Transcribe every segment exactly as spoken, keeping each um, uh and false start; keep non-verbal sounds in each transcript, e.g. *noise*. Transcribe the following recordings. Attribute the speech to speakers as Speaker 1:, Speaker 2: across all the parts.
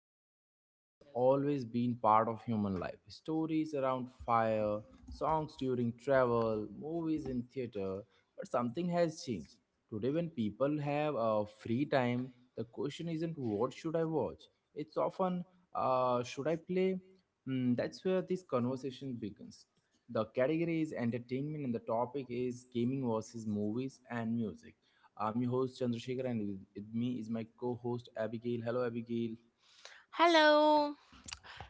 Speaker 1: entertainment has always been part of human life. Stories around fire, songs during travel, movies in theater, but something has changed. Today when people have uh, free time, the question isn't what should I watch? It's often uh, should I play? Hmm, that's where this conversation begins. The category is entertainment and the topic is gaming versus movies and music. I'm your host Chandrasekhar, and with with me is my co-host Abigail. Hello, Abigail.
Speaker 2: Hello.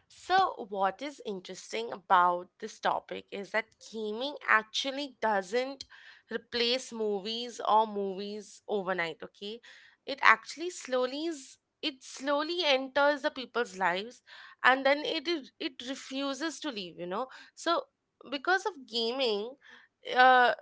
Speaker 2: So, what is interesting about this topic is that gaming actually doesn't replace movies or movies overnight, okay? It actually slowly is, it slowly enters the people's lives and then it it refuses to leave, you know. So, because of gaming, uh,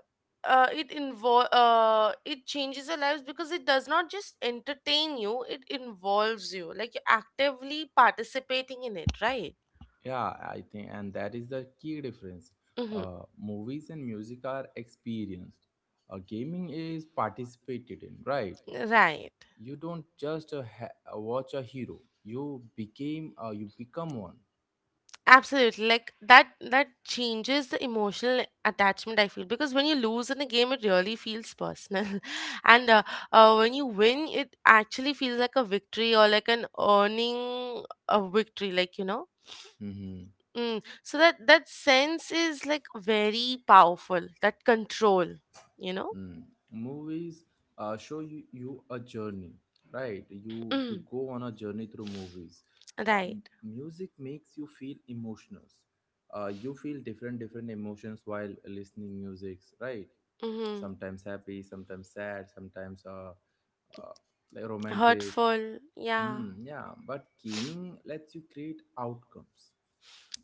Speaker 2: uh, it involve uh, it changes your lives because it does not just entertain you, it involves you, like you're actively participating in it, right?
Speaker 1: Yeah, I think, and that is the key difference.
Speaker 2: Mm-hmm.
Speaker 1: Uh, movies and music are experienced. Uh, gaming is participated in, right?
Speaker 2: Right.
Speaker 1: You don't just uh, ha- uh, watch a hero. You became, uh, you become one.
Speaker 2: Absolutely. Like that that changes the emotional attachment, I feel, because when you lose in a game it really feels personal. *laughs* And uh, uh, when you win it actually feels like a victory, or like an earning a victory, like, you know.
Speaker 1: Mm-hmm.
Speaker 2: Mm. So that that sense is like very powerful. That control, you know.
Speaker 1: Mm. Movies uh, show you, you a journey, right? You you
Speaker 2: Mm.
Speaker 1: go on a journey through movies. Uh,
Speaker 2: Right.
Speaker 1: m- music makes you feel emotions. Uh, you feel different different emotions while listening musics, right?
Speaker 2: Mm-hmm.
Speaker 1: Sometimes happy, sometimes sad, sometimes uh, uh like romantic.
Speaker 2: Hurtful. Yeah.
Speaker 1: Mm, yeah, but gaming lets you create outcomes.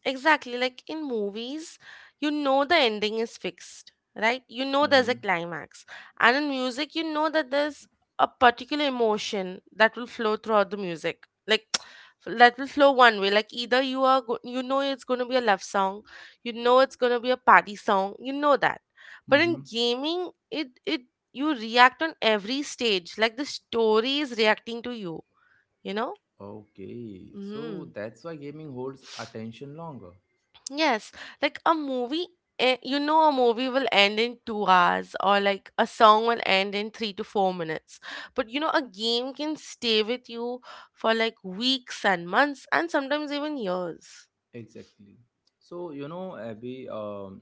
Speaker 2: Exactly. Like in movies, you know the ending is fixed, right? You know there's a
Speaker 1: Mm-hmm.
Speaker 2: climax. And in music, you know that there's a particular emotion that will flow throughout the music. Like *sniffs* *tsk* that will flow one way. Like either you are go- you know it's going to be a love song, you know it's going to be a party song, you know that. But
Speaker 1: hmm
Speaker 2: in gaming, it it you react on every stage. Like the story is reacting to you, you know?
Speaker 1: Okay, so
Speaker 2: Mm.
Speaker 1: that's why gaming holds attention longer.
Speaker 2: Yes, like a movie, eh, you know, a movie will end in two hours, or like a song will end in three to four minutes. But you know, a game can stay with you for like weeks and months, and sometimes even years.
Speaker 1: Exactly. So, you know, Abby, um,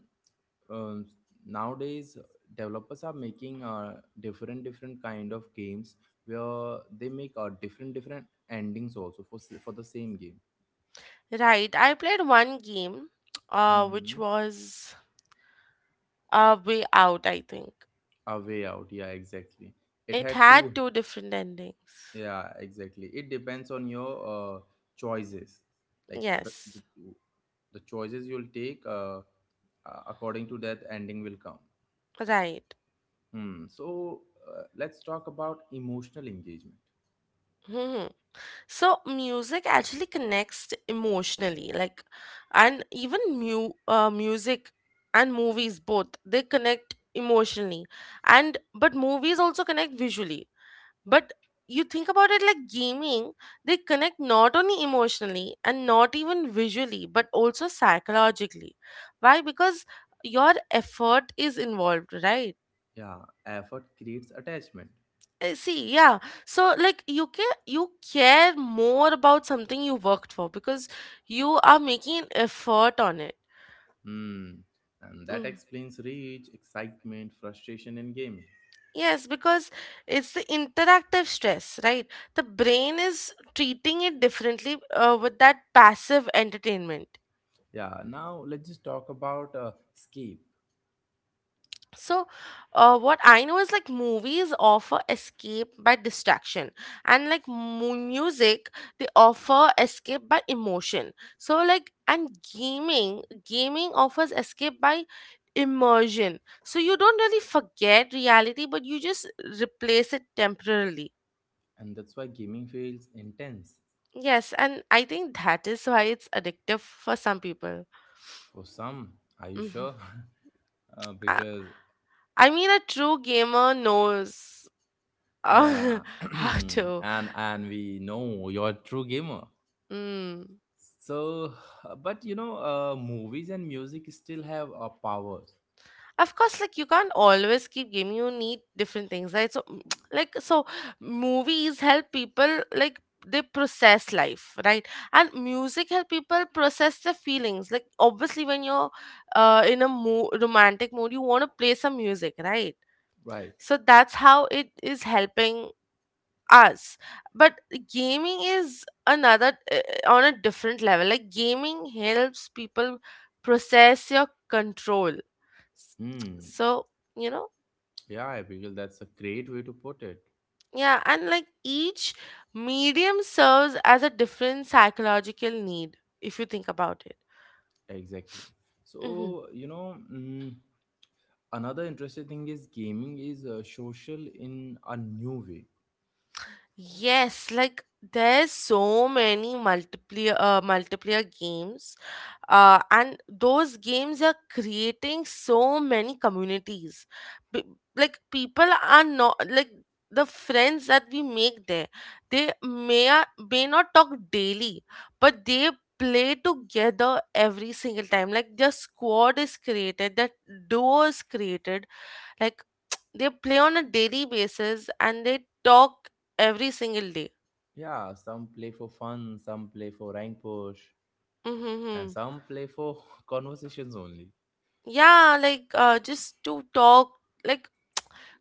Speaker 1: um, nowadays developers are making uh, different different kind of games where they make uh, different different endings also for s- for the same game.
Speaker 2: Right, I played one game, uh, which
Speaker 1: Mm-hmm.
Speaker 2: was uh, Way Out, I think.
Speaker 1: A way out, yeah, exactly. It
Speaker 2: It
Speaker 1: had
Speaker 2: had
Speaker 1: two,
Speaker 2: two different endings.
Speaker 1: yeah, exactly. It depends on your uh, choices, like the, the
Speaker 2: Yes,
Speaker 1: the choices you'll take. Uh, uh, according to that, ending will come.
Speaker 2: right.
Speaker 1: Hmm. So uh, let's talk about emotional engagement.
Speaker 2: *laughs* So music actually connects emotionally, like, and even mu- uh, music and movies, both, they connect emotionally, and but movies also connect visually. But you think about it, like, gaming, they connect not only emotionally and not even visually, but also psychologically. Why? Because your effort is involved, right?
Speaker 1: Yeah, effort creates attachment.
Speaker 2: Uh, See, yeah. So, like, you care, you care more about something you worked for because you are making an effort on it.
Speaker 1: Hmm. And that
Speaker 2: Mm.
Speaker 1: explains reach, excitement, frustration in gaming.
Speaker 2: Yes, because it's the interactive stress, right? The brain is treating it differently uh, with that passive entertainment.
Speaker 1: Yeah, now let's just talk about uh, escape.
Speaker 2: So uh, what I know is, like, movies offer escape by distraction, and like mu- music, they offer escape by emotion. So, like, and gaming gaming offers escape by immersion. So you don't really forget reality, but you just replace it temporarily.
Speaker 1: And that's why gaming feels intense
Speaker 2: Yes, and I think that is why it's addictive for some people.
Speaker 1: for some. Are you
Speaker 2: Mhm.
Speaker 1: sure? *laughs* uh,
Speaker 2: I,
Speaker 1: because,
Speaker 2: I mean a true gamer knows uh,
Speaker 1: yeah, *clears throat*
Speaker 2: *laughs* how
Speaker 1: and
Speaker 2: to.
Speaker 1: and we know you're a true gamer.
Speaker 2: Mm.
Speaker 1: So, *sighs* but you know, uh, movies and music still have uh, powers,
Speaker 2: Of course, like, you can't always keep gaming, you need different things, right? So *tsk* like, so movies help people, like, they process life, right? And music help people process their feelings, like obviously when you're uh, in a mo- romantic mood you want to play some music, right?
Speaker 1: right?
Speaker 2: So that's how it is helping us. But gaming is another uh, on a different level. Like gaming helps people process your control.
Speaker 1: Hmm.
Speaker 2: So, you know,
Speaker 1: Yeah, Abigail, that's a great way to put it.
Speaker 2: yeah, and like each medium serves as a different psychological need if you think about it.
Speaker 1: Exactly.
Speaker 2: Hmm.
Speaker 1: So, you know, mm, another interesting thing is gaming is uh, social in a new way.
Speaker 2: Yes, like there's so many multiplayer uh, multiplayer games, uh, and those games are creating so many communities. P- like people are not like, the friends that we make there, they may are, may not talk daily, but they play together every single time. Like their squad is created, that duo is created, like *tsk* they play on a daily basis and they talk every single day.
Speaker 1: Yeah, some play for fun, some play for rank push, and
Speaker 2: Mm-hmm.
Speaker 1: some play for *laughs* conversations only.
Speaker 2: Yeah, like uh, just to talk, like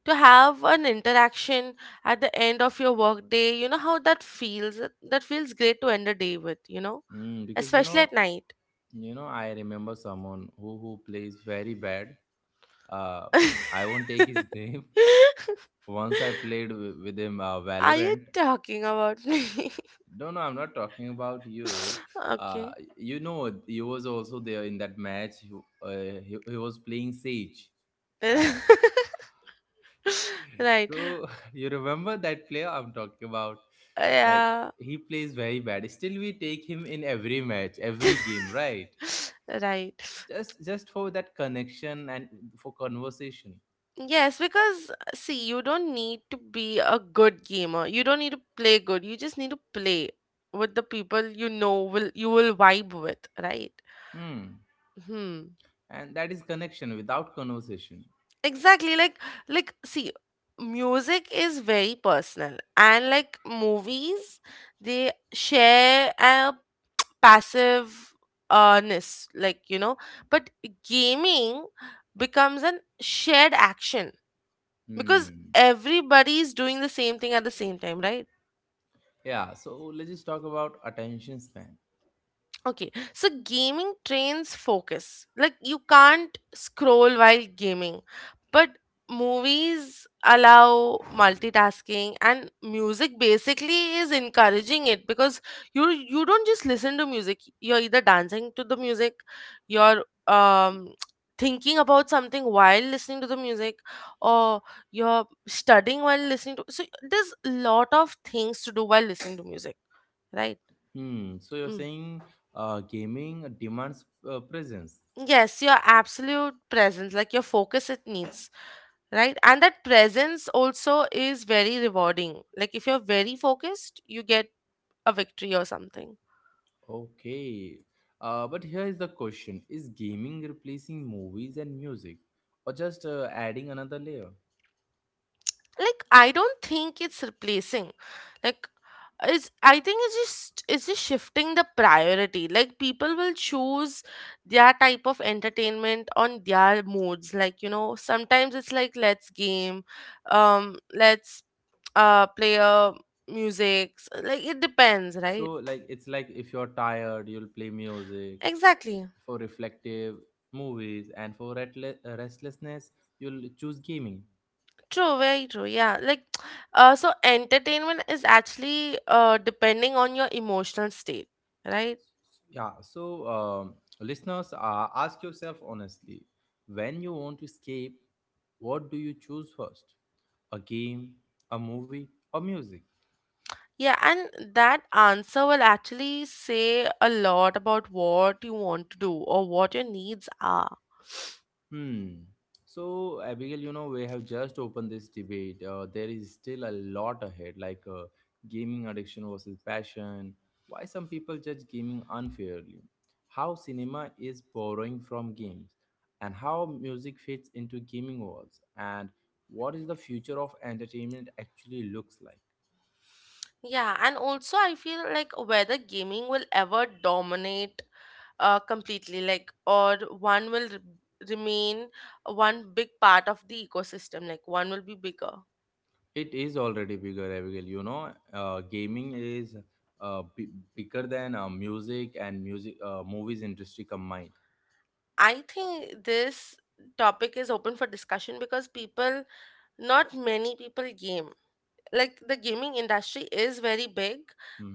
Speaker 2: to have an interaction at the end of your work day, you know how that feels. That feels great to end a day with, you know,
Speaker 1: Mm, because you
Speaker 2: especially
Speaker 1: know,
Speaker 2: at night.
Speaker 1: you know, I remember someone who who plays very bad. Uh, I won't take his *laughs* name.
Speaker 2: *laughs*
Speaker 1: Once I played w- with him uh,
Speaker 2: Are you
Speaker 1: Valorant,
Speaker 2: talking about me?
Speaker 1: No, no, I'm not talking about you.
Speaker 2: *laughs*
Speaker 1: Uh,
Speaker 2: Okay.
Speaker 1: you know, he was also there in that match. He, uh, he, he was playing Sage. Uh,
Speaker 2: *laughs* Right.
Speaker 1: so, *laughs* you remember that player I'm talking about? Like
Speaker 2: Yeah.
Speaker 1: he plays very bad. Still, we take him in every match, every game, right?
Speaker 2: *laughs* Right.
Speaker 1: Just just for that connection and for conversation.
Speaker 2: Yes, because uh, see, you don't need to be a good gamer. You don't need to play good. You just need to play with the people you know will you will vibe with, right?
Speaker 1: Hmm.
Speaker 2: Hmm.
Speaker 1: And that is connection without conversation.
Speaker 2: Exactly. Like like see, music is very personal, and like movies, they share a passive uh, ness, like, you know. But gaming becomes an shared action because
Speaker 1: Hmm.
Speaker 2: everybody is doing the same thing at the same time, right?
Speaker 1: Yeah. So let's just talk about attention span.
Speaker 2: Okay, so gaming trains focus. Like, you can't scroll while gaming, but movies allow multitasking, and music basically is encouraging it because you you don't just listen to music. You're either dancing to the music, you're um *tsk* thinking about something while listening to the music, or you're studying while listening to, so there's a lot of things to do while listening to music, right?
Speaker 1: Hmm. So you're
Speaker 2: Hmm.
Speaker 1: saying uh, gaming demands uh, presence.
Speaker 2: Yes, your absolute presence, like your focus, it needs, right? And that presence also is very rewarding. Like if you're very focused, you get a victory or something.
Speaker 1: Okay. Uh, but here is the question: Is gaming replacing movies and music, or just uh, adding another layer?
Speaker 2: Like, I don't think it's replacing. Like, it's, I think it's just, it's just shifting the priority. Like people will choose their type of entertainment on their moods. Like, you know, sometimes it's like, let's game, um let's uh play a music. Like it depends,
Speaker 1: So
Speaker 2: right?
Speaker 1: like it's like if you're tired, you'll play music
Speaker 2: Exactly.
Speaker 1: for reflective movies, and for retle- uh, restlessness, you'll choose gaming.
Speaker 2: True, very true. Yeah, like *tsk* uh, so entertainment is actually uh, depending on your emotional state, right?
Speaker 1: Yeah. So um, listeners, uh, ask yourself honestly: When you want to escape, what do you choose first? A game, a movie, or music.
Speaker 2: Yeah, and that answer will actually say a lot about what you want to do or what your needs are.
Speaker 1: Hmm. So, Abigail, you know, we have just opened this debate. Uh, there is still a lot ahead, like uh, gaming addiction versus passion, why some people judge gaming unfairly, how cinema is borrowing from games, and how music fits into gaming worlds, and what is the future of entertainment actually looks like.
Speaker 2: Yeah, and also I feel like whether gaming will ever dominate uh, completely, like, or one will re- remain one big part of the ecosystem, like, one will be bigger.
Speaker 1: It is already bigger, Abigail. You know, uh, gaming is uh, b- bigger than uh, music and music uh, movies industry combined.
Speaker 2: I think this topic is open for discussion because people, not many people game. Like the gaming industry is very big,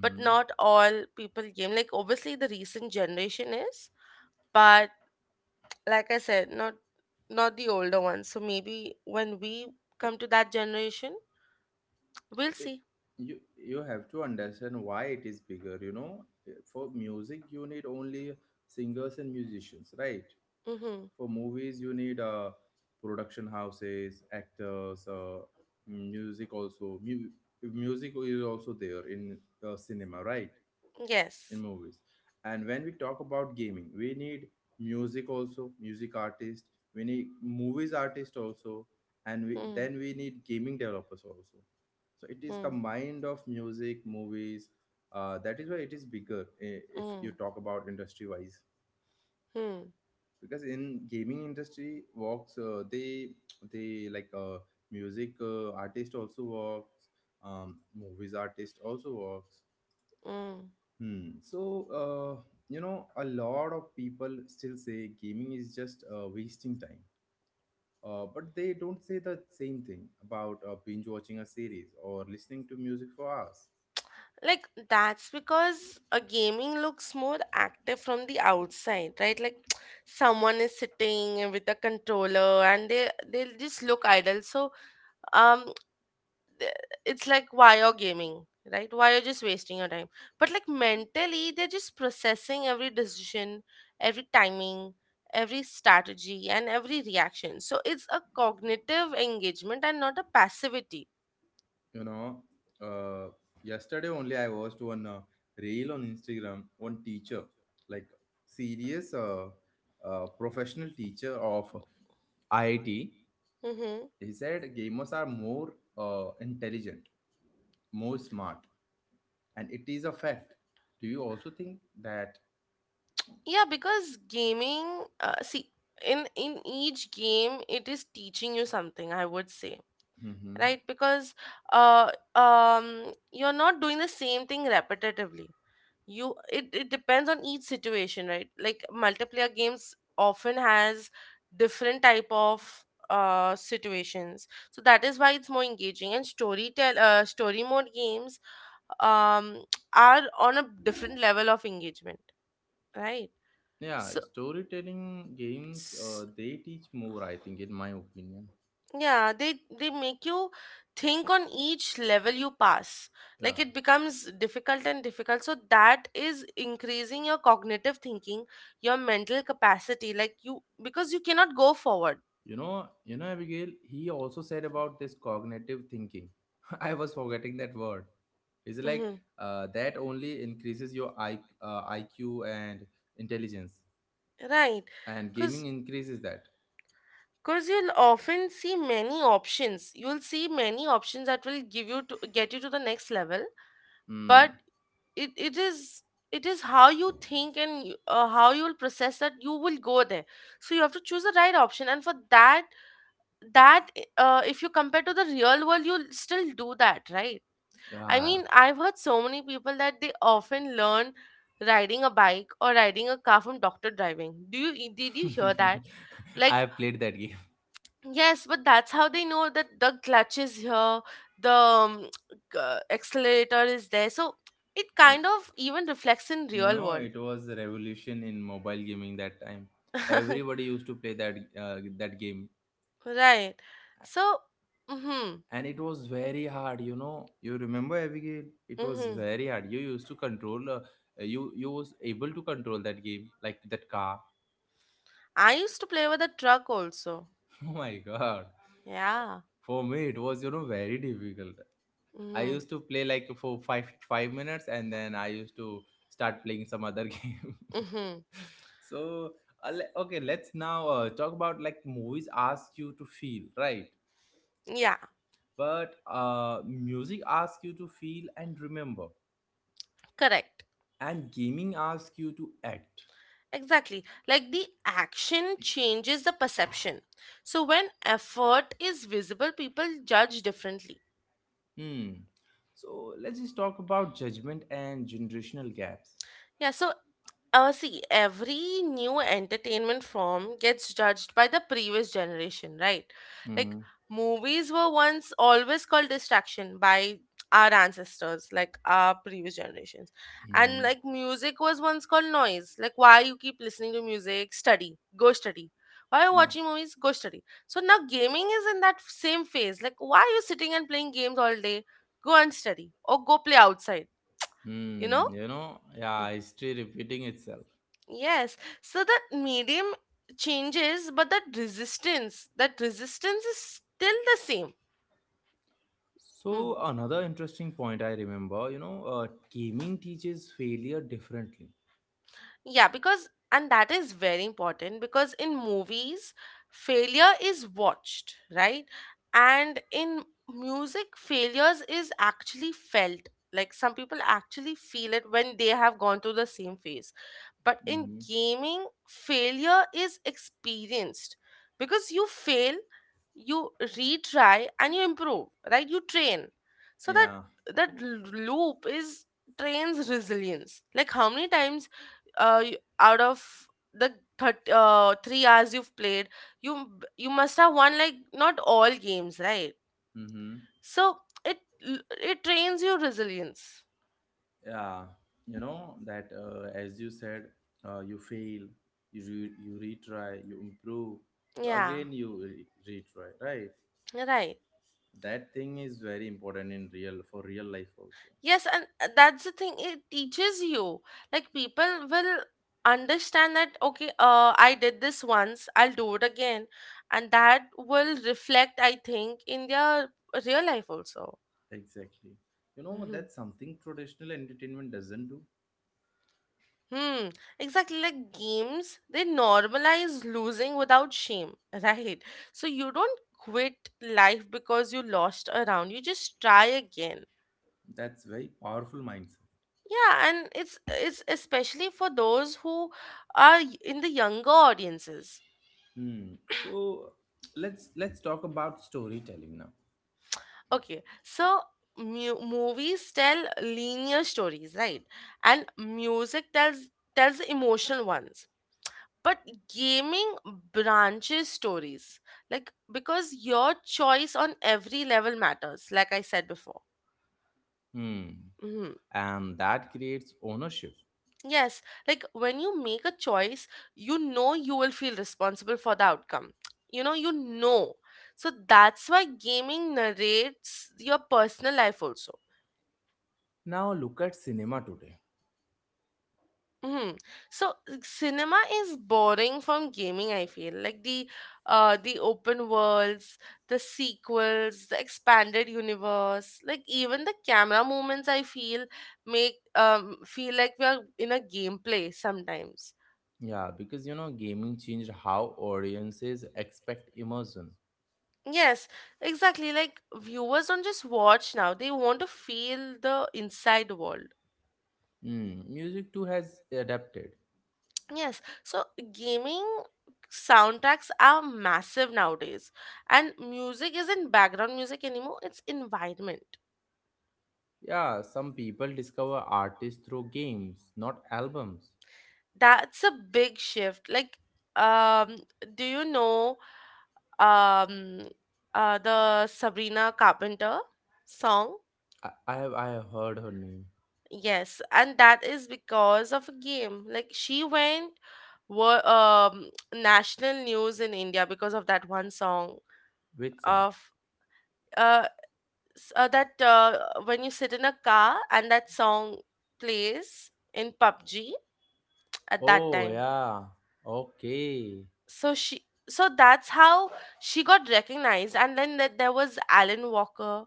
Speaker 2: but not all people game. Like obviously the recent generation is, but like I said, not not the older ones. So maybe when we
Speaker 1: It,
Speaker 2: come to that generation, we'll
Speaker 1: it,
Speaker 2: see.
Speaker 1: you you have to understand why it is bigger. You know, for music you need only singers and musicians, right?
Speaker 2: Mm-hmm.
Speaker 1: For movies you need uh, production houses, actors, uh, music also. Mu- music is also there in uh, cinema, right? In
Speaker 2: Yes.
Speaker 1: movies. And when we talk about gaming, we need music also, music artist, we need movies artist also, and we
Speaker 2: Mm-hmm.
Speaker 1: then we need gaming developers also. So it is combined of music, movies. Uh, that is why it is bigger eh, if you talk about industry wise.
Speaker 2: Mm-hmm.
Speaker 1: Because in gaming industry works, uh, they they like uh, music uh, artist also works, um, movies artist also works.
Speaker 2: Mm.
Speaker 1: Hmm. So, uh, you know, a lot of people still say gaming is just uh, wasting time. Uh, but they don't say the same thing about uh, binge watching a series or listening to music for hours.
Speaker 2: Like that's because a gaming looks more active from the outside, right? Like *tsk* someone is sitting with a controller and they they'll just look idle. So um, th- it's like, why you're gaming, right? Why you're just wasting your time. But like mentally, they're just processing every decision, every timing, every strategy, and every reaction. So it's a cognitive engagement and not a passivity.
Speaker 1: You know, uh, yesterday only I watched one uh, reel on Instagram, one teacher, like serious uh, uh, professional teacher of I I T. He said gamers are more uh, intelligent, more smart and it is a fact. Do you also think that?
Speaker 2: Yeah, because gaming, uh, see, in in each game, it is teaching you something, I would say,
Speaker 1: hmm
Speaker 2: right? Because uh, um, you're not doing the same thing repetitively. You It, it depends on each situation, right? Like multiplayer games often has different type of uh situations. So that is why it's more engaging. And story tell uh, story mode games um *tsk* are on a different level of engagement, right?
Speaker 1: Yeah,
Speaker 2: So
Speaker 1: storytelling games uh, they teach more. I think, in my opinion.
Speaker 2: yeah, they they make you think on each level you pass. Like
Speaker 1: Yeah,
Speaker 2: it becomes difficult and difficult. So that is increasing your cognitive thinking, your mental capacity. Like you, because you cannot go forward.
Speaker 1: you know, you know, Abigail. He also said about this cognitive thinking. *laughs* I was forgetting that word. It's like
Speaker 2: Mm-hmm.
Speaker 1: uh, that only increases your I, uh, I Q and intelligence,
Speaker 2: Right.
Speaker 1: and gaming
Speaker 2: Because
Speaker 1: increases that.
Speaker 2: because you'll often see many options. You'll see many options that will give you to get you to the next level, but
Speaker 1: Mm.
Speaker 2: it, it is it is how you think and you- uh, how you will process that you will go there. So you have to choose the right option, and for that, that uh, if you compare to the real world you'll still do that, right? I
Speaker 1: Yeah,
Speaker 2: mean, I've heard so many people that they often learn riding a bike or riding a car from doctor driving. Do you, did you hear that?
Speaker 1: *laughs* I
Speaker 2: Like,
Speaker 1: have played that game.
Speaker 2: yes, but that's how they know that the clutch is here, the um, g- uh, accelerator is there. So it kind
Speaker 1: *laughs*
Speaker 2: of even reflects in
Speaker 1: You
Speaker 2: real
Speaker 1: know
Speaker 2: world.
Speaker 1: it was a revolution in mobile gaming that time.
Speaker 2: *laughs*
Speaker 1: Everybody used to play that uh, that game
Speaker 2: Right. So, mm-hmm,
Speaker 1: and it was very hard, you know. You remember Abigail, it was
Speaker 2: mm-hmm.
Speaker 1: very hard. You used to control uh, you you was able to control that game, like that car.
Speaker 2: I used to play with a truck also.
Speaker 1: *laughs* Oh my god,
Speaker 2: Yeah.
Speaker 1: for me it was, you know, very difficult.
Speaker 2: I.
Speaker 1: I
Speaker 2: Mm-hmm.
Speaker 1: used to play like for five five minutes and then I used to start playing some other *laughs* game.
Speaker 2: Other *laughs* game.
Speaker 1: *laughs* So, uh, le- okay, let's now uh, talk about, like movies ask you to feel, right?
Speaker 2: Mm-hmm. Yeah,
Speaker 1: But uh, music asks you to feel and remember,
Speaker 2: correct.
Speaker 1: and gaming asks you to act.
Speaker 2: Exactly. Like the action changes the perception. So when effort is visible, people judge differently.
Speaker 1: hmm so let's just talk about judgment and generational gaps.
Speaker 2: Yeah, so uh, see, every new entertainment form gets judged by the previous generation, right? Like
Speaker 1: Mm-hmm.
Speaker 2: movies were once always called distraction by our ancestors, like our previous generations. And
Speaker 1: Mm-hmm.
Speaker 2: like music was once called noise. Like why you keep listening to music? Study. Go study. Why you
Speaker 1: Yeah.
Speaker 2: watching movies? Go study. So now gaming is in that same phase. Like why are you sitting and playing games all day? Go and study or go play outside, you know?
Speaker 1: Hmm you know,
Speaker 2: Mm.
Speaker 1: yeah, history repeating itself.
Speaker 2: Yes. So that medium changes, but that resistance, that resistance is still the same.
Speaker 1: So
Speaker 2: Mm.
Speaker 1: another interesting point I remember, you know, uh, gaming teaches failure differently.
Speaker 2: Yeah, because, and that is very important because in movies, failure is watched, right? And in music, failures is actually felt. Like some people actually feel it when they have gone through the same phase. But in
Speaker 1: Mm-hmm.
Speaker 2: gaming, failure is experienced because you fail, you retry, and you improve, right? You train. So that
Speaker 1: Yeah.
Speaker 2: that l- loop is trains resilience. Like how many times uh, y- out of the thirty uh, three hours you've played, you m- you must have won like not all games, right?
Speaker 1: Mm-hmm.
Speaker 2: So it l- it trains your resilience.
Speaker 1: Yeah, you know that uh, as you said, uh, you fail, you re- you retry, you improve, you
Speaker 2: Yeah,
Speaker 1: again you re- retry, right?
Speaker 2: right.
Speaker 1: That thing is very important in real for real life also.
Speaker 2: Yes, and uh, that's the thing. It teaches you. Like people will understand that. Okay, uh, I did this once. I'll do it again, and that will reflect, I think, in their real life also.
Speaker 1: Exactly. You know,
Speaker 2: Mm-hmm.
Speaker 1: that's something traditional entertainment doesn't do.
Speaker 2: Hmm, exactly. Like games, they normalize losing without shame, *laughs* right? So you don't quit life because you lost a round. You just try again.
Speaker 1: That's very powerful mindset.
Speaker 2: Yeah, and it's it's especially for those who are y- in the younger audiences.
Speaker 1: Hmm. So let's let's talk about storytelling now.
Speaker 2: Okay, so mu- movies tell linear stories, right? And music tells tells emotional ones. But gaming branches stories, like because your choice on every level matters, like I said before.
Speaker 1: Hmm.
Speaker 2: Hmm.
Speaker 1: And that creates ownership.
Speaker 2: Yes, like when you make a choice, you know you will feel responsible for the outcome. You know, you know. So that's why gaming narrates your personal life also.
Speaker 1: Now look at cinema today.
Speaker 2: Hmm. So cinema is borrowing from gaming, I feel. Like the uh the open worlds, the sequels, the expanded universe, like even the camera movements I feel make um feel like we are in a gameplay sometimes.
Speaker 1: Yeah, because you know, gaming changed how audiences expect immersion.
Speaker 2: Yes, exactly. Like viewers don't just watch now, they want to feel the inside world.
Speaker 1: Mm, music too has adapted.
Speaker 2: Yes, so gaming soundtracks are massive nowadays, and music isn't background music anymore, it's environment.
Speaker 1: Yeah, some people discover artists through games, not albums.
Speaker 2: That's a big shift. Like, um, do you know um uh the Sabrina Carpenter song?
Speaker 1: I, I have I have heard her name.
Speaker 2: Yes, and that is because of a game. Like she went were um national news in India because of that one song
Speaker 1: Which song?
Speaker 2: of uh s- uh, that uh, when you sit in a car and that song plays in P U B G at that
Speaker 1: Oh
Speaker 2: time.
Speaker 1: yeah. Okay.
Speaker 2: So she, so that's how she got recognized. And then that there was Alan Walker.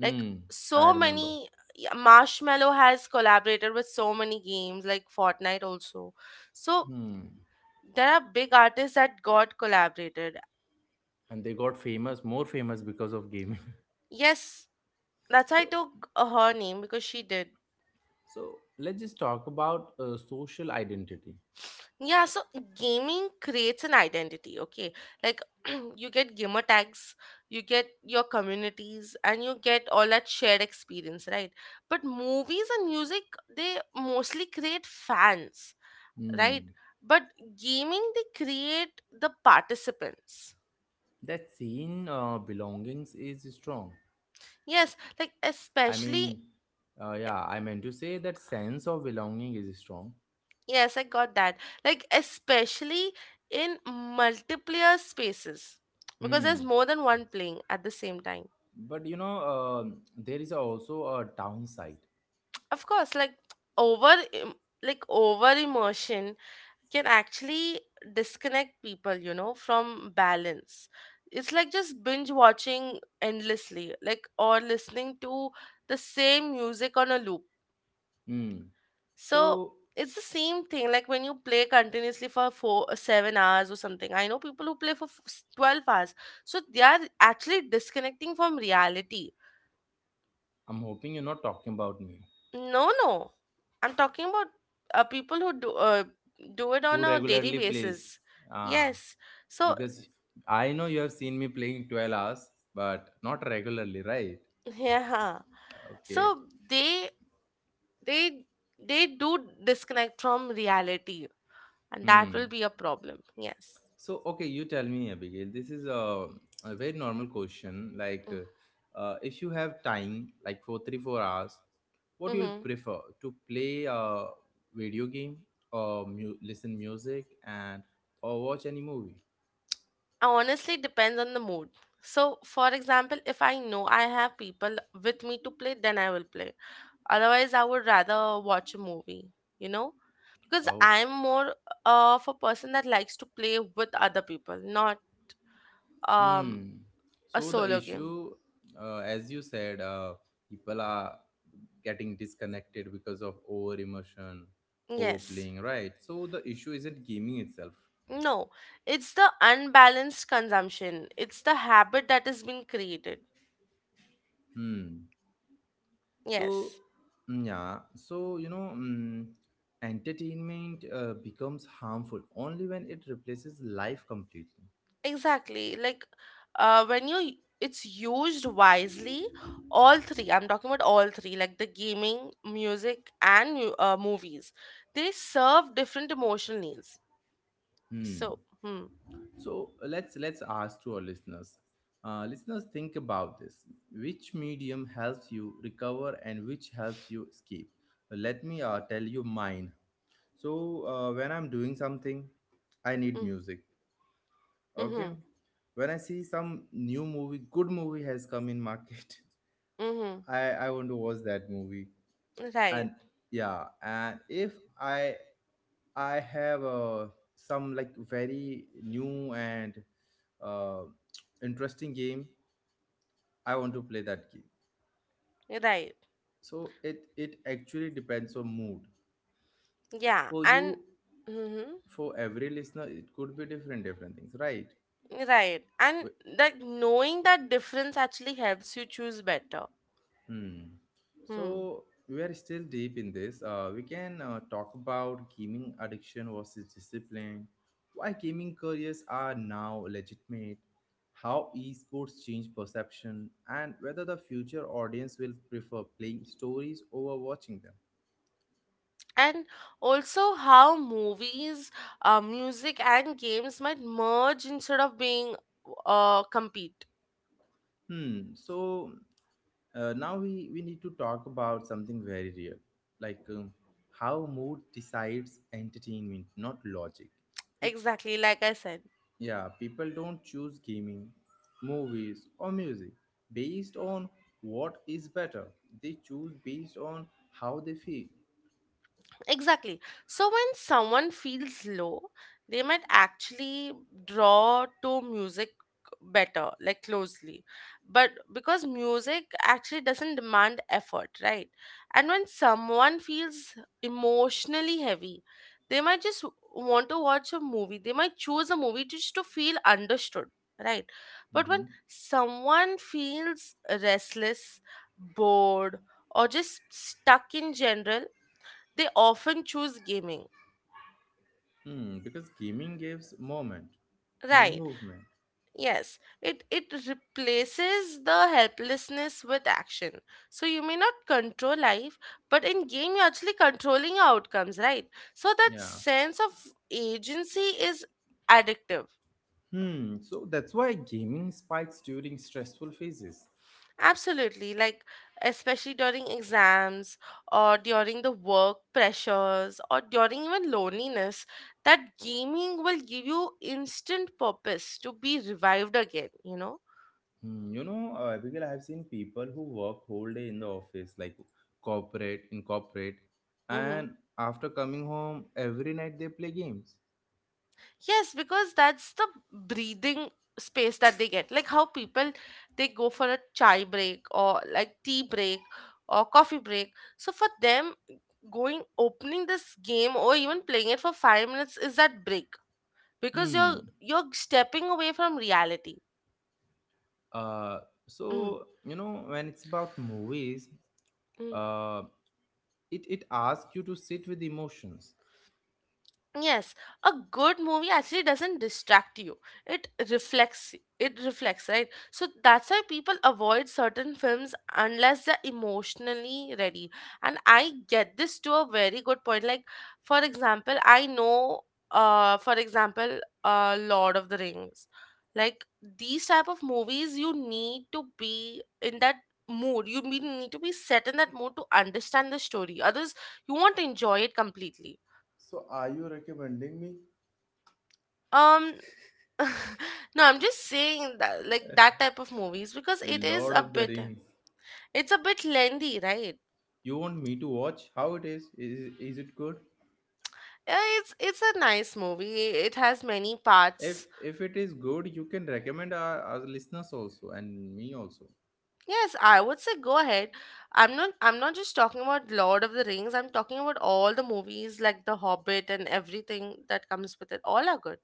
Speaker 2: Like
Speaker 1: I
Speaker 2: so
Speaker 1: remember.
Speaker 2: many, yeah, Marshmallow has collaborated with so many games like Fortnite also. So
Speaker 1: Hmm.
Speaker 2: there are big artists that got collaborated.
Speaker 1: And they got famous, more famous because of gaming.
Speaker 2: Yes, that's why I
Speaker 1: *laughs* So,
Speaker 2: took uh, her name because she did.
Speaker 1: so let's just talk about uh, social identity.
Speaker 2: Yeah, so gaming creates an identity, okay? Like *clears throat* you get gamer tags, you get your communities, and you get all that shared experience, right? But movies and music, they mostly create fans, right?
Speaker 1: Hmm.
Speaker 2: But gaming, they create the participants.
Speaker 1: That scene uh, belongings is strong.
Speaker 2: Yes, like
Speaker 1: I
Speaker 2: especially,
Speaker 1: mean, uh, yeah, I meant to say that sense of belonging is strong.
Speaker 2: yes, I got that. Like especially in multiplayer spaces, because there's
Speaker 1: Hmm.
Speaker 2: more than one playing at the same time.
Speaker 1: But you know, um there is also a downside.
Speaker 2: Of course, like over im- like over emotion can actually disconnect people you know from balance. It's like just binge watching endlessly, like or listening to the same music on a loop.
Speaker 1: Hmm.
Speaker 2: So
Speaker 1: So
Speaker 2: it's the same thing, like when you play continuously for four seven hours or something. I know people who play for f- twelve hours, so they are actually disconnecting from reality.
Speaker 1: I'm hoping you're not talking about me,
Speaker 2: No, no. I'm talking about uh, people who do uh, do it
Speaker 1: who
Speaker 2: on a daily
Speaker 1: regularly plays.
Speaker 2: basis.
Speaker 1: Ah,
Speaker 2: Yes. So
Speaker 1: because I know you have seen me playing twelve hours, but not regularly, right?
Speaker 2: yeah.
Speaker 1: Okay.
Speaker 2: So they they they do disconnect from reality, and that will
Speaker 1: Hmm.
Speaker 2: be a problem. Yes.
Speaker 1: So okay, you tell me, Abigail. This is a, a very normal question. Like, uh, uh, if you have time, like for three four hours, what you'll
Speaker 2: Mm-hmm.
Speaker 1: prefer to play a video game or mu- listen music and or watch any movie.
Speaker 2: Honestly, depends on the mood. So, for example, if I know I have people with me to play, then I will play. Otherwise, I would rather watch a movie, you know, because
Speaker 1: Oh,
Speaker 2: I'm more of a person that likes to play with other people, not um
Speaker 1: hmm
Speaker 2: a
Speaker 1: so the
Speaker 2: solo game.
Speaker 1: issue uh, as you said, uh, people are getting disconnected because of over emotion,
Speaker 2: Yes.
Speaker 1: overplaying, right? So the issue isn't gaming itself.
Speaker 2: No, it's the unbalanced consumption. It's the habit that has been created.
Speaker 1: hmm so
Speaker 2: Yes.
Speaker 1: mm, yeah, so you know, mm, entertainment uh, becomes harmful only when it replaces life completely.
Speaker 2: Exactly. Like uh, when you it's used wisely, all three. I'm talking about all three, like the gaming, music, and mu- uh, movies. They serve different emotional needs.
Speaker 1: hmm
Speaker 2: So, hmm.
Speaker 1: So let's let's ask to our listeners. Uh, listeners, think about this: which medium helps you recover and which helps you escape? Let me uh, tell you mine. So uh, when I'm doing something, I need
Speaker 2: Mm,
Speaker 1: music. Okay.
Speaker 2: mm-hmm.
Speaker 1: When I see some new movie, good movie has come in market,
Speaker 2: Mm-hmm.
Speaker 1: *laughs* I I want to watch that movie.
Speaker 2: Right.
Speaker 1: And yeah, and if I I have uh, some like very new and uh, interesting game. I want to play that game.
Speaker 2: Right.
Speaker 1: So it it actually depends on mood.
Speaker 2: Yeah.
Speaker 1: For
Speaker 2: And
Speaker 1: you,
Speaker 2: mm-hmm.
Speaker 1: for every listener, it could be different different things, right?
Speaker 2: Right. And like knowing that difference actually helps you choose better.
Speaker 1: Hmm.
Speaker 2: Hmm.
Speaker 1: So we are still deep in this. Uh, we can uh, talk about gaming addiction versus discipline, why gaming careers are now legitimate, how esports change perception, and whether the future audience will prefer playing stories over watching them.
Speaker 2: And also how movies, uh, music, and games might merge instead of being uh, compete.
Speaker 1: Hmm. So uh, now we, we need to talk about something very real, like um, how mood decides entertainment, not logic. Peop-
Speaker 2: Exactly, like I said.
Speaker 1: Yeah, people don't choose gaming, movies, or music based on what is better. They choose based on how they feel.
Speaker 2: Exactly. So when someone feels low, they might actually draw to music better, like closely. But because music actually doesn't demand effort, right? And when someone feels emotionally heavy, they might just want to watch a movie. They might choose a movie just to feel understood, right? But when
Speaker 1: hmm
Speaker 2: someone feels restless, bored, or just stuck in general, they often choose gaming,
Speaker 1: Hmm, because gaming gives moment. I mean,
Speaker 2: right?
Speaker 1: movement.
Speaker 2: Yes, it it replaces the helplessness with action. So you may not control life, but in game you're actually controlling your outcomes, right? So that
Speaker 1: Yeah.
Speaker 2: sense of agency is addictive.
Speaker 1: Hmm. So that's why gaming spikes during stressful phases.
Speaker 2: Absolutely, like especially during exams or during the work pressures or during even loneliness. That gaming will give you instant purpose to be revived again you know
Speaker 1: Hmm, you know, uh, Abigail, I've seen people who work whole day in the office, like corporate, in corporate,
Speaker 2: Mm-hmm.
Speaker 1: and after coming home every night they play games.
Speaker 2: Yes, because that's the breathing space that they get. Like how people, they go for a chai break, or like tea break or coffee break. So for them, going opening this game or even playing it for five minutes is that break, because you're
Speaker 1: Hmm.
Speaker 2: you're stepping away from reality.
Speaker 1: Uh,
Speaker 2: Mm.
Speaker 1: so you know when it's about movies,
Speaker 2: Mm.
Speaker 1: uh, it it asks you to sit with emotions.
Speaker 2: Yes, a good movie actually doesn't distract you. It reflects it reflects, right? So that's why people avoid certain films unless they're emotionally ready. And I get this to a very good point. Like for example, I know, uh for example uh Lord of the Rings. Like these type of movies, you need to be in that mood. You be- need to be set in that mood to understand the story. Others, you won't enjoy it completely.
Speaker 1: So, are you recommending me?
Speaker 2: Um *laughs* no, I'm just saying that, like that type of movies, because it is
Speaker 1: Lord
Speaker 2: a
Speaker 1: of the
Speaker 2: bit
Speaker 1: Rings.
Speaker 2: it's a bit lengthy, right?
Speaker 1: You want me to watch how it is? Is is it good?
Speaker 2: Uh, It's it's a nice movie. It has many
Speaker 1: If
Speaker 2: parts.
Speaker 1: if it is good, you can recommend our, our listeners also and me also.
Speaker 2: Yes, I would say go ahead. I'm not I'm not just talking about Lord of the Rings. I'm talking about all the movies, like The Hobbit, and everything that comes with it. All are good.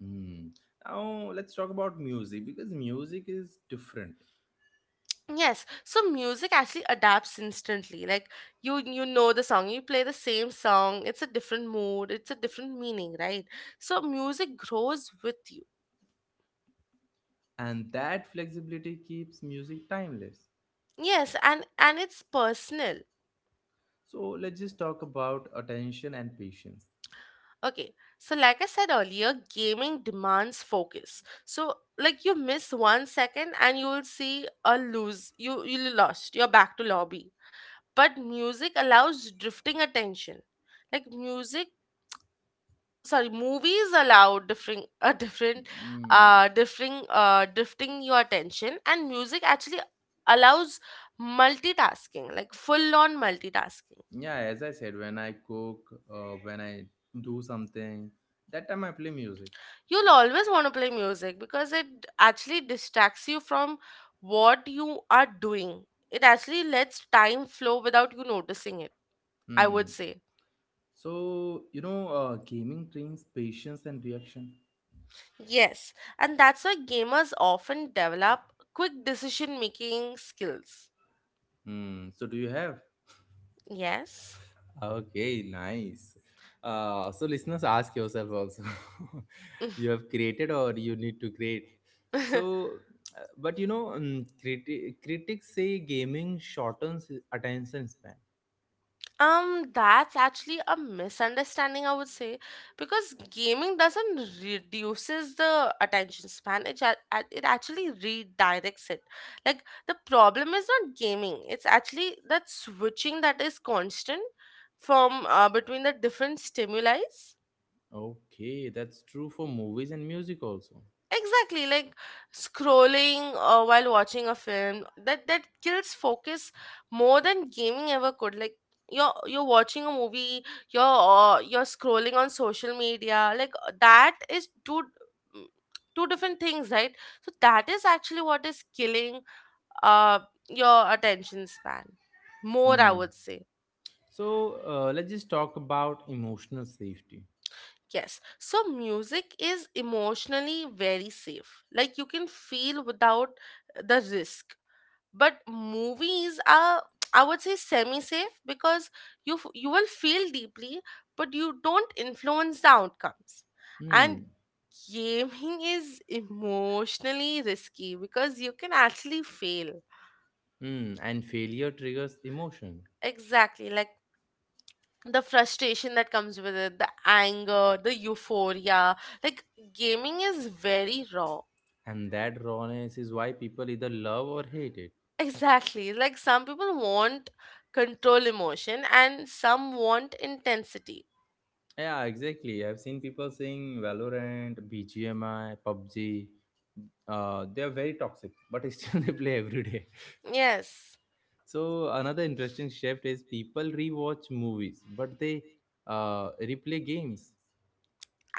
Speaker 1: Hmm. Now let's talk about music because music is different,
Speaker 2: Yes, so music actually adapts instantly. Like you you know the song, you play the same song, it's a different mood, it's a different meaning, right? So music grows with you.
Speaker 1: and that flexibility keeps music timeless.
Speaker 2: Yes, and and it's personal.
Speaker 1: So let's just talk about attention and patience.
Speaker 2: Okay. So like I said earlier, gaming demands focus. So like you miss one second and you will see a lose. You you lost. You're back to lobby. But music allows drifting attention, like music, sorry, movies allow differing, *laughs* a different
Speaker 1: Mm,
Speaker 2: uh differing uh drifting your attention. And music actually allows multitasking, like full on multitasking.
Speaker 1: yeah, as I said, when I cook, uh, when I do something, that time I play music.
Speaker 2: You'll always want to play music because it actually distracts you from what you are doing. It actually lets time flow without you noticing it, I would
Speaker 1: Mm.
Speaker 2: say.
Speaker 1: So, you know, uh, gaming trains patience and reaction.
Speaker 2: Yes, and that's why gamers often develop quick decision making skills.
Speaker 1: Mm, so, do you have?
Speaker 2: Yes.
Speaker 1: Okay, nice. Uh, so, listeners, ask yourself also. *laughs* You have created or you need to create.
Speaker 2: *laughs*
Speaker 1: So, uh, but you know, um, criti- critics say gaming shortens attention span.
Speaker 2: Um, that's actually a misunderstanding, I would say, because gaming doesn't reduces the attention span. It, ja- a- it actually redirects it. Like the problem is not gaming; it's actually that switching that is constant from, uh, between the different stimuli.
Speaker 1: Okay, that's true for movies and music also.
Speaker 2: Exactly, like scrolling uh, while watching a film, that that kills focus more than gaming ever could. Like you're you're watching a movie, you're uh, you're scrolling on social media, like, uh, that is two, mm, two different things, right? So that is actually what is killing uh your attention span more, I
Speaker 1: Hmm.
Speaker 2: would say.
Speaker 1: So uh, let's just talk about emotional safety.
Speaker 2: Yes, so music is emotionally very safe. Like you can feel without the risk. But movies are, I would say, semi safe, because you f- you will feel deeply, but you don't influence the outcomes. And
Speaker 1: Hmm.
Speaker 2: gaming *laughs* is emotionally risky because you can actually fail.
Speaker 1: Hmm. And failure triggers emotion.
Speaker 2: Exactly, like the frustration that comes with it, the anger, the euphoria. Like gaming is very raw.
Speaker 1: And that rawness is why people either love or hate it.
Speaker 2: *laughs* Exactly, like some people want control emotion and some want intensity.
Speaker 1: Yeah, exactly. I've seen people saying Valorant, B G M I, PUBG. Uh, they are very toxic, but *laughs* still they play every day.
Speaker 2: Yes.
Speaker 1: So another interesting shift is people rewatch movies, but they uh, replay games.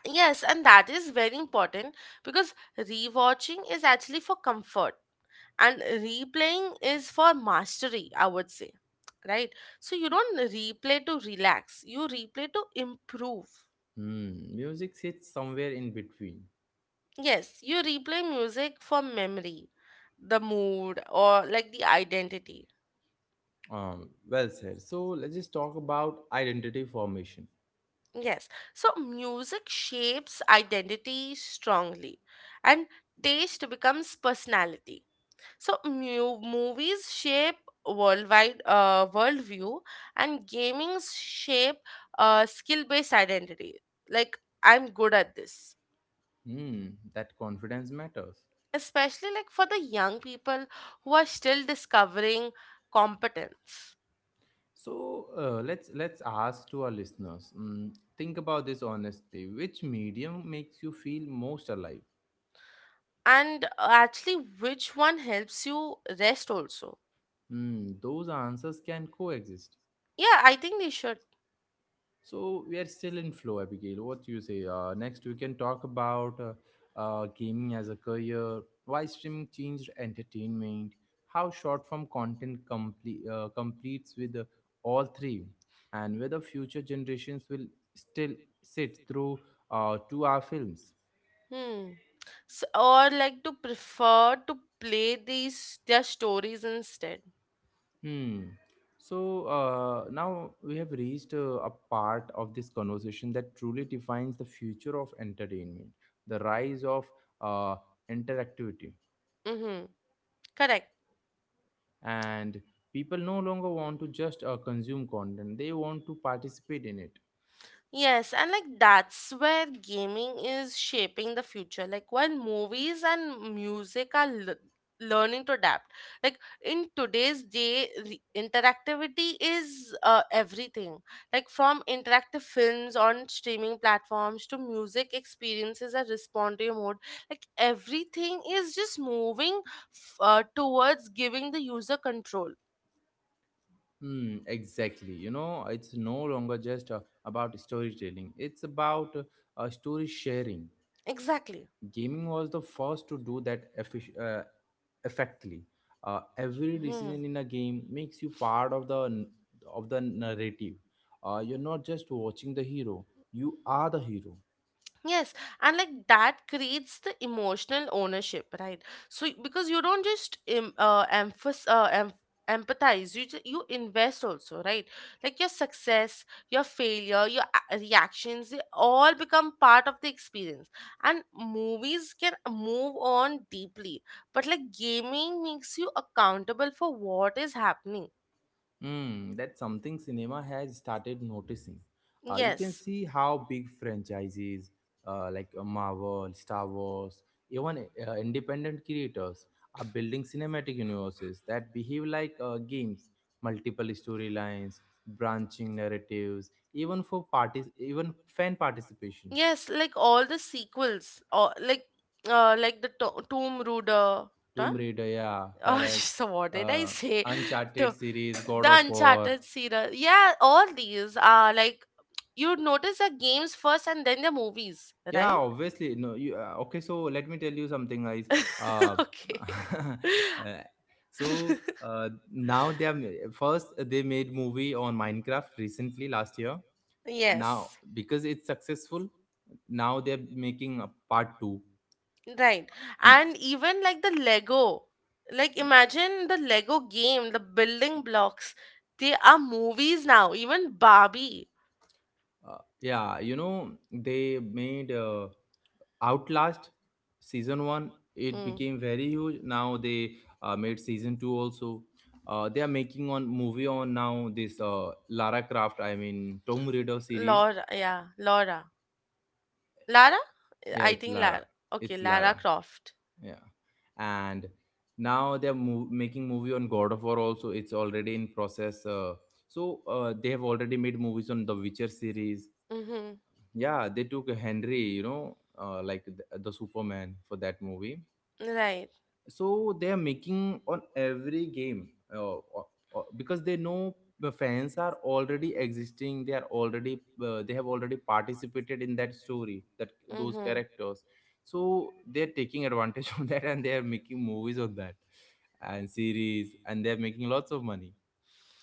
Speaker 2: Yes, and that is very important because rewatching is actually for comfort, and replaying is for mastery, I would say. Right? So you don't replay to relax, you replay to improve.
Speaker 1: Hmm. Music sits somewhere in between.
Speaker 2: Yes, you replay music for memory, the mood, or like the identity.
Speaker 1: Um, well said. So let's just talk about identity formation.
Speaker 2: Yes, so music shapes identity strongly, and taste becomes personality. So mu- movies shape worldwide uh, worldview, and gamings shape uh, skill-based identity. Like, I'm good at this,
Speaker 1: Hmm, that confidence matters.
Speaker 2: especially like for the young people who are still discovering competence.
Speaker 1: So uh, let's let's ask to our listeners. Mm, think about this honestly. Which medium makes you feel most alive?
Speaker 2: And uh, actually which one helps you rest also.
Speaker 1: Hmm, those answers can coexist.
Speaker 2: Yeah, I think they should.
Speaker 1: So we are still in flow, Abigail. What do you say? Uh, next, we can talk about uh, uh, gaming as a career, why streaming changed entertainment, how short form content complete uh, completes with uh, all three, and whether future generations will still sit through uh, two-hour films.
Speaker 2: Hmm. S or like to prefer to play these their stories instead.
Speaker 1: Hmm. So uh, now we have reached uh, a part of this conversation that truly defines the future of entertainment, the rise of uh, interactivity.
Speaker 2: Mm-hmm. Correct.
Speaker 1: And people no longer want to just uh, consume content, they want to participate in it.
Speaker 2: Yes, and like that's where gaming is shaping the future. Like while movies and music are l- learning to adapt, like in today's day, re- interactivity is uh, everything. Like from interactive films on streaming platforms to music experiences that respond to your mood, like everything is just moving, f- uh, towards giving the user control.
Speaker 1: Hmm, exactly. You know, it's no longer just uh, about storytelling, it's about uh, uh, story sharing.
Speaker 2: Exactly.
Speaker 1: Gaming was the first to do that effic- uh, effectively. Uh, every
Speaker 2: Hmm.
Speaker 1: decision in a game makes you part of the of the narrative. Uh, you're not just watching the hero; you are the hero.
Speaker 2: Yes, and like that creates the emotional ownership, right? So y- because you don't just em- uh, emphasize, uh, em- empathize, you ju- you invest also, right? Like your success, your failure, your a- reactions, they all become part of the experience. And movies can move on deeply, but like gaming makes you accountable for what is happening.
Speaker 1: Hmm, that's something cinema has started noticing. Uh, you can
Speaker 2: Yes.
Speaker 1: see how big franchises uh, like uh, Marvel, Star Wars, even uh, independent creators are building cinematic universes that behave like uh, games, multiple storylines, branching narratives, even for parties, even fan participation.
Speaker 2: Yes, like all the sequels, or like uh, like the to- Tomb Raider. Huh?
Speaker 1: Tomb Raider, yeah,
Speaker 2: Oh, *laughs*
Speaker 1: correct.
Speaker 2: so what did I
Speaker 1: Uh,
Speaker 2: say?
Speaker 1: Uncharted
Speaker 2: The,
Speaker 1: series, God of
Speaker 2: the
Speaker 1: War.
Speaker 2: Uncharted series. Yeah, all these are like you notice the games first and then the movies,
Speaker 1: Yeah,
Speaker 2: right?
Speaker 1: obviously. No, you uh, okay? So let me tell you something, guys.
Speaker 2: So
Speaker 1: Uh,
Speaker 2: let me
Speaker 1: *laughs*
Speaker 2: tell
Speaker 1: uh,
Speaker 2: you something uh, *laughs*
Speaker 1: so
Speaker 2: okay. *laughs* *laughs*
Speaker 1: uh, now they are ma- first they made movie on Minecraft recently last year. Now
Speaker 2: Yes.
Speaker 1: because it's successful, now they're making a part two.
Speaker 2: Now, right.
Speaker 1: And,
Speaker 2: And even like the Lego, like imagine the Lego game, the building blocks, they are movies now, even Barbie. Barbie.
Speaker 1: uh, yeah, you know they made uh, Outlast season one, it
Speaker 2: Mm.
Speaker 1: became very huge. Now they uh, made season two also. Uh, they are making on
Speaker 2: uh,
Speaker 1: movie on now this uh, Lara Croft. I mean Tomb Raider series.
Speaker 2: Laura, yeah, Laura. Lara?
Speaker 1: Yeah,
Speaker 2: I
Speaker 1: it's
Speaker 2: think Lara.
Speaker 1: Lara.
Speaker 2: Lara. Okay,
Speaker 1: It's
Speaker 2: Lara
Speaker 1: Lara.
Speaker 2: Croft.
Speaker 1: Yeah, and now they are mov making movie on God of War also. It's already in process. Uh, so uh, they have already made movies on the Witcher series.
Speaker 2: Mm-hmm.
Speaker 1: Yeah, they took Henry. You know, uh, like the, the Superman for that movie,
Speaker 2: Right.
Speaker 1: so they are making on every game, uh, uh, uh, because they know the fans are already existing, they are already uh, they have already
Speaker 2: Uh,
Speaker 1: participated in that story, that those
Speaker 2: Mm-hmm.
Speaker 1: characters, so they're taking advantage *laughs* of that and they are making movies on that and series and they're making lots of money.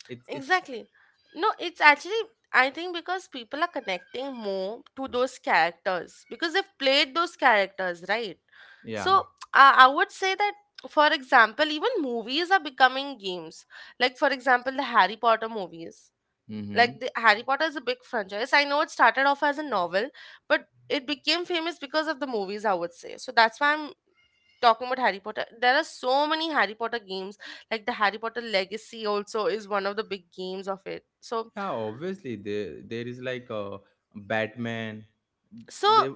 Speaker 1: It's it's
Speaker 2: Exactly. No, it's actually, I think, because people are connecting more to those characters because they've played those characters, right?
Speaker 1: yeah.
Speaker 2: So I I would say that, for example, even movies are becoming games. Like for example, the Harry Potter movies. Like
Speaker 1: Mm-hmm.
Speaker 2: the Harry Potter is a big franchise. I know it started off as a novel, but it became famous because of the movies, I would say. So that's why I'm talking about Harry Potter. There are so many Harry Potter games, like the Harry Potter Legacy also is one of the big games of it. So
Speaker 1: Yeah, obviously, there there is like a batman
Speaker 2: so
Speaker 1: they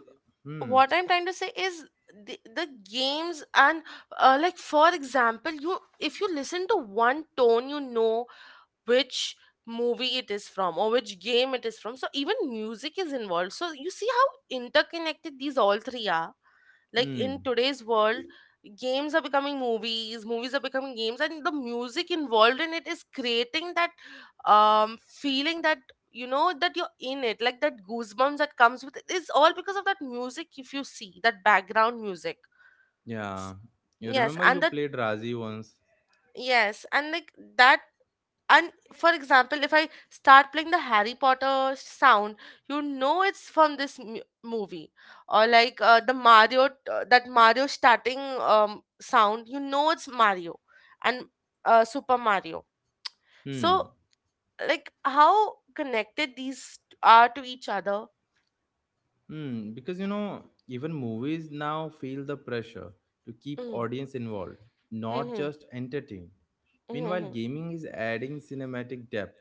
Speaker 1: hmm.
Speaker 2: what I'm trying to say is the, the games and uh, like for example, you, if you listen to one tone, you know which movie it is from or which game it is from. So even music is involved, so you see how interconnected these all three are, like in
Speaker 1: hmm
Speaker 2: today's world. Games are becoming movies, movies are becoming games, and the music involved in it is creating that um feeling that, you know, that you're in it, like that goosebumps that comes with it is all because of that music, if you see that background music. S-
Speaker 1: Yeah, you
Speaker 2: yes,
Speaker 1: remember you
Speaker 2: and that,
Speaker 1: played Razi once?
Speaker 2: yes, and like that, and for example, if I start playing the Harry Potter sound, you know it's from this mu- movie, or like uh, the Mario, uh, that Mario starting um, sound, you know it's Mario, and uh, Super Mario.
Speaker 1: Hmm.
Speaker 2: So like how connected these are to each other.
Speaker 1: Hmm. Because you know, even movies now feel the pressure to keep
Speaker 2: Mm-hmm.
Speaker 1: audience involved, not
Speaker 2: Mm-hmm.
Speaker 1: just entertained. Meanwhile,
Speaker 2: Mm-hmm.
Speaker 1: gaming is adding cinematic depth,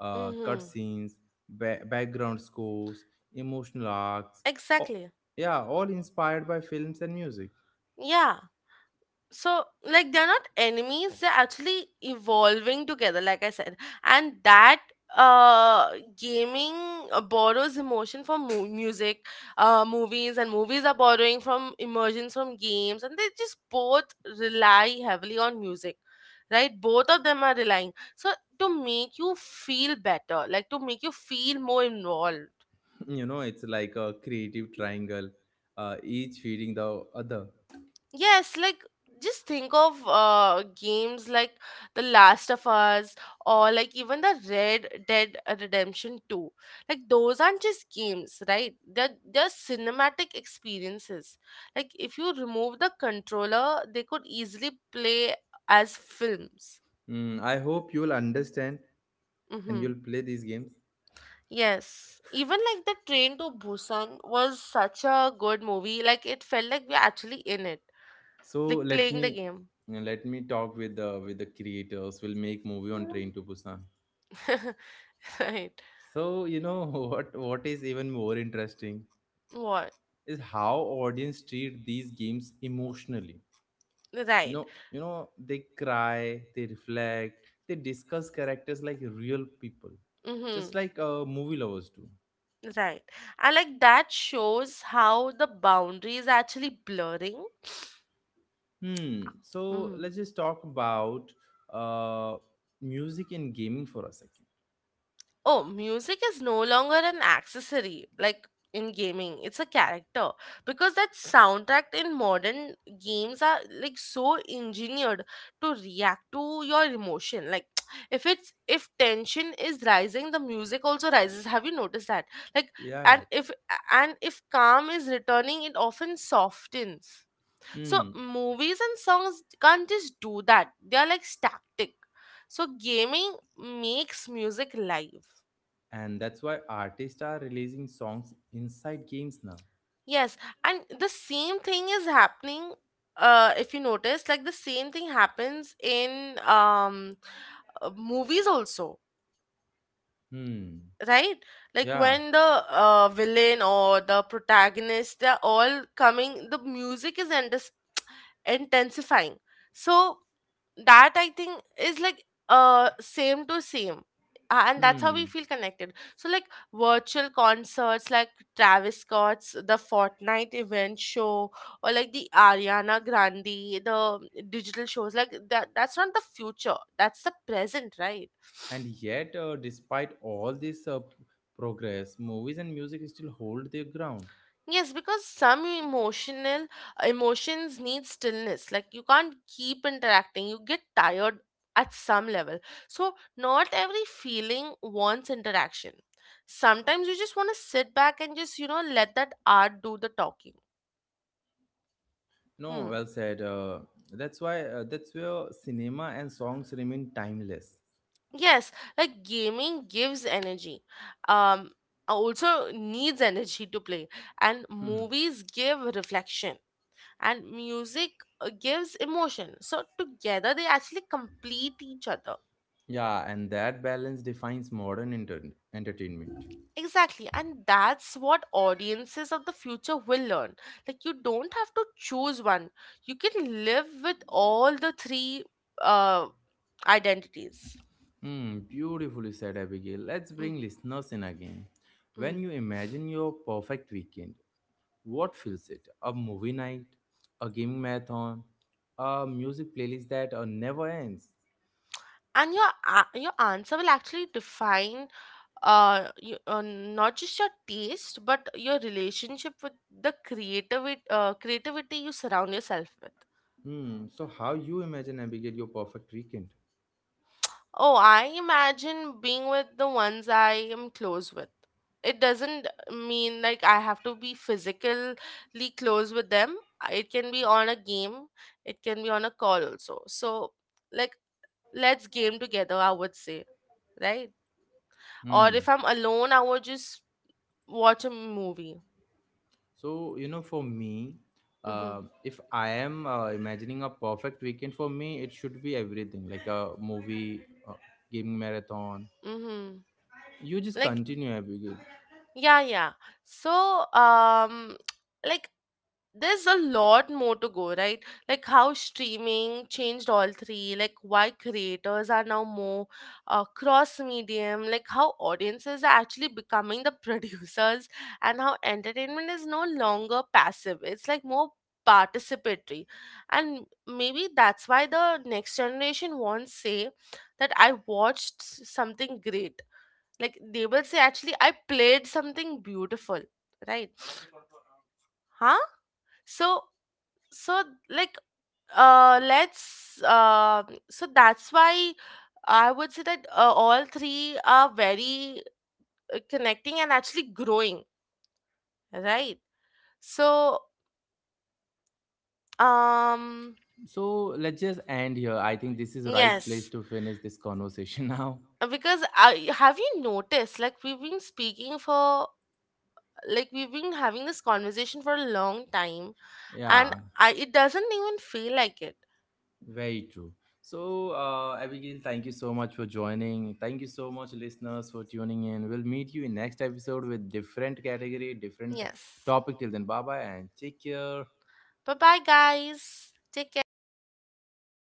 Speaker 1: uh,
Speaker 2: Mm-hmm.
Speaker 1: cutscenes, ba- background scores, emotional arcs. Oh,
Speaker 2: Exactly.
Speaker 1: yeah, all inspired by films and music.
Speaker 2: Yeah. So like they're not enemies, they're actually evolving together, like I said. And that uh gaming uh, borrows emotion from mu- music, uh movies, and movies are borrowing from emergence from games, and they just both rely heavily on music, right? Both of them are relying so to make you feel better, like to make you feel more involved.
Speaker 1: *laughs* You know, it's like a creative triangle, uh, each feeding the other.
Speaker 2: Yes, like just think of uh, games like The Last of Us or like even the Red Dead Redemption two. Like those aren't just games, right? They're, they're cinematic experiences. Like if you remove the controller, they could easily play as films.
Speaker 1: Mm, I hope you'll understand and
Speaker 2: Mm-hmm.
Speaker 1: you'll play these games.
Speaker 2: Yes. Even like the Train to Busan was such a good movie. Like it felt like we're actually in it,
Speaker 1: So
Speaker 2: like
Speaker 1: let
Speaker 2: playing
Speaker 1: me
Speaker 2: the game.
Speaker 1: let me talk with the with the creators. We'll make movie on Train to Busan.
Speaker 2: *laughs* Right.
Speaker 1: So you know *laughs* what what is even more interesting
Speaker 2: What?
Speaker 1: is how audience treat these games emotionally. No,
Speaker 2: Right.
Speaker 1: you know they cry, they reflect, they discuss characters like real people, just
Speaker 2: Mm-hmm.
Speaker 1: like uh, movie lovers do.
Speaker 2: Right. And like that shows how the boundary is actually blurring.
Speaker 1: Hmm. So
Speaker 2: Mm-hmm.
Speaker 1: let's just talk about uh, music and gaming for a second.
Speaker 2: Oh, music is no longer an accessory like in gaming. It's a character, because that soundtrack in modern games are like so engineered to react to your emotion. Like *tsk* if it's, if tension is rising, the music also rises. Have you noticed that? Like,
Speaker 1: Yeah, yeah.
Speaker 2: and if, and if calm is returning, it often softens. So
Speaker 1: Hmm.
Speaker 2: movies and songs can't just do that. They are like static. So gaming makes music live.
Speaker 1: And that's why artists are releasing songs inside games now.
Speaker 2: Yes, and the same thing is happening. Uh, if you notice, like the same thing happens in um, uh, movies also,
Speaker 1: Hmm.
Speaker 2: right? Like
Speaker 1: Yeah.
Speaker 2: when the uh, villain or the protagonist, they're all coming. The music is intensifying. So that, I think, is like uh same to same. Uh, and that's how we
Speaker 1: Hmm.
Speaker 2: feel connected. So like virtual concerts, like Travis Scott's the Fortnite event show, or like the Ariana Grande, the digital shows, like that, that's not the future, that's the present, right?
Speaker 1: And yet, uh, despite all this uh, progress, movies and music still hold their ground.
Speaker 2: Yes, because some emotional emotions need stillness. Like you can't keep interacting. You get tired at some level. So not every feeling wants interaction. Sometimes you just want to sit back and just, you know, let that art do the talking.
Speaker 1: No,
Speaker 2: Hmm.
Speaker 1: well said. Uh, that's why uh, that's where cinema and songs remain timeless.
Speaker 2: Yes, like gaming gives energy. Um Also needs energy to play, and
Speaker 1: *laughs*
Speaker 2: movies give reflection, and music uh, gives emotion, so together they actually complete each other.
Speaker 1: Yeah, and that balance defines modern enter- entertainment.
Speaker 2: Exactly, and that's what audiences of the future will learn, like you don't have to choose one, you can live with all the three uh, identities.
Speaker 1: Hmm, beautifully said, Abigail. Let's
Speaker 2: Mm,
Speaker 1: bring listeners in again. When
Speaker 2: mm.
Speaker 1: you imagine your perfect weekend, what fills it? A movie night, a gaming marathon, a music playlist that uh, never ends.
Speaker 2: And your a- your answer will actually define uh, you, uh, not just your taste but your relationship with the creativity uh, creativity you surround yourself with.
Speaker 1: Hmm. So how you imagine, Abigail, your perfect weekend?
Speaker 2: Oh, I imagine being with the ones I am close with. It doesn't mean like I have to be physically close with them. Uh, it can be on a game, it can be on a call also. So like, let's game together, I would say, right? Or if
Speaker 1: Hmm.
Speaker 2: I'm alone, I would just watch a movie.
Speaker 1: So you know, for me,
Speaker 2: Mm-hmm.
Speaker 1: uh, if I am uh, imagining a perfect weekend for me, it should be everything like a movie, a gaming marathon.
Speaker 2: Mm-hmm.
Speaker 1: You just
Speaker 2: Like
Speaker 1: continue, Abigail.
Speaker 2: yeah, yeah. So um *tsk* like there's a lot more to go, right? Like how streaming changed all three, like why creators are now more uh, cross medium, like how audiences are actually becoming the *laughs* producers, and how entertainment is no longer passive, it's like more participatory. And maybe that's why the next generation won't say that I watched s- something great, like they will say actually I played something beautiful, right? Huh? So, so, like, uh let's uh. So that's why I would say that uh, all three are very uh, connecting and actually growing, right? So, um,
Speaker 1: So let's just end here. I think this is right place
Speaker 2: yes.
Speaker 1: to finish this conversation *laughs* now.
Speaker 2: Uh, because I, have you noticed like we've been speaking for, like we've been having this conversation for a long time, and
Speaker 1: Yeah,
Speaker 2: yeah, I, it doesn't even feel like it.
Speaker 1: very true. So, uh, Abigail, thank you so much for joining. Thank you so much, listeners, for tuning in. We'll meet you in next episode with different category, different topic. Till then, bye bye and take care.
Speaker 2: Bye bye, guys. Take care.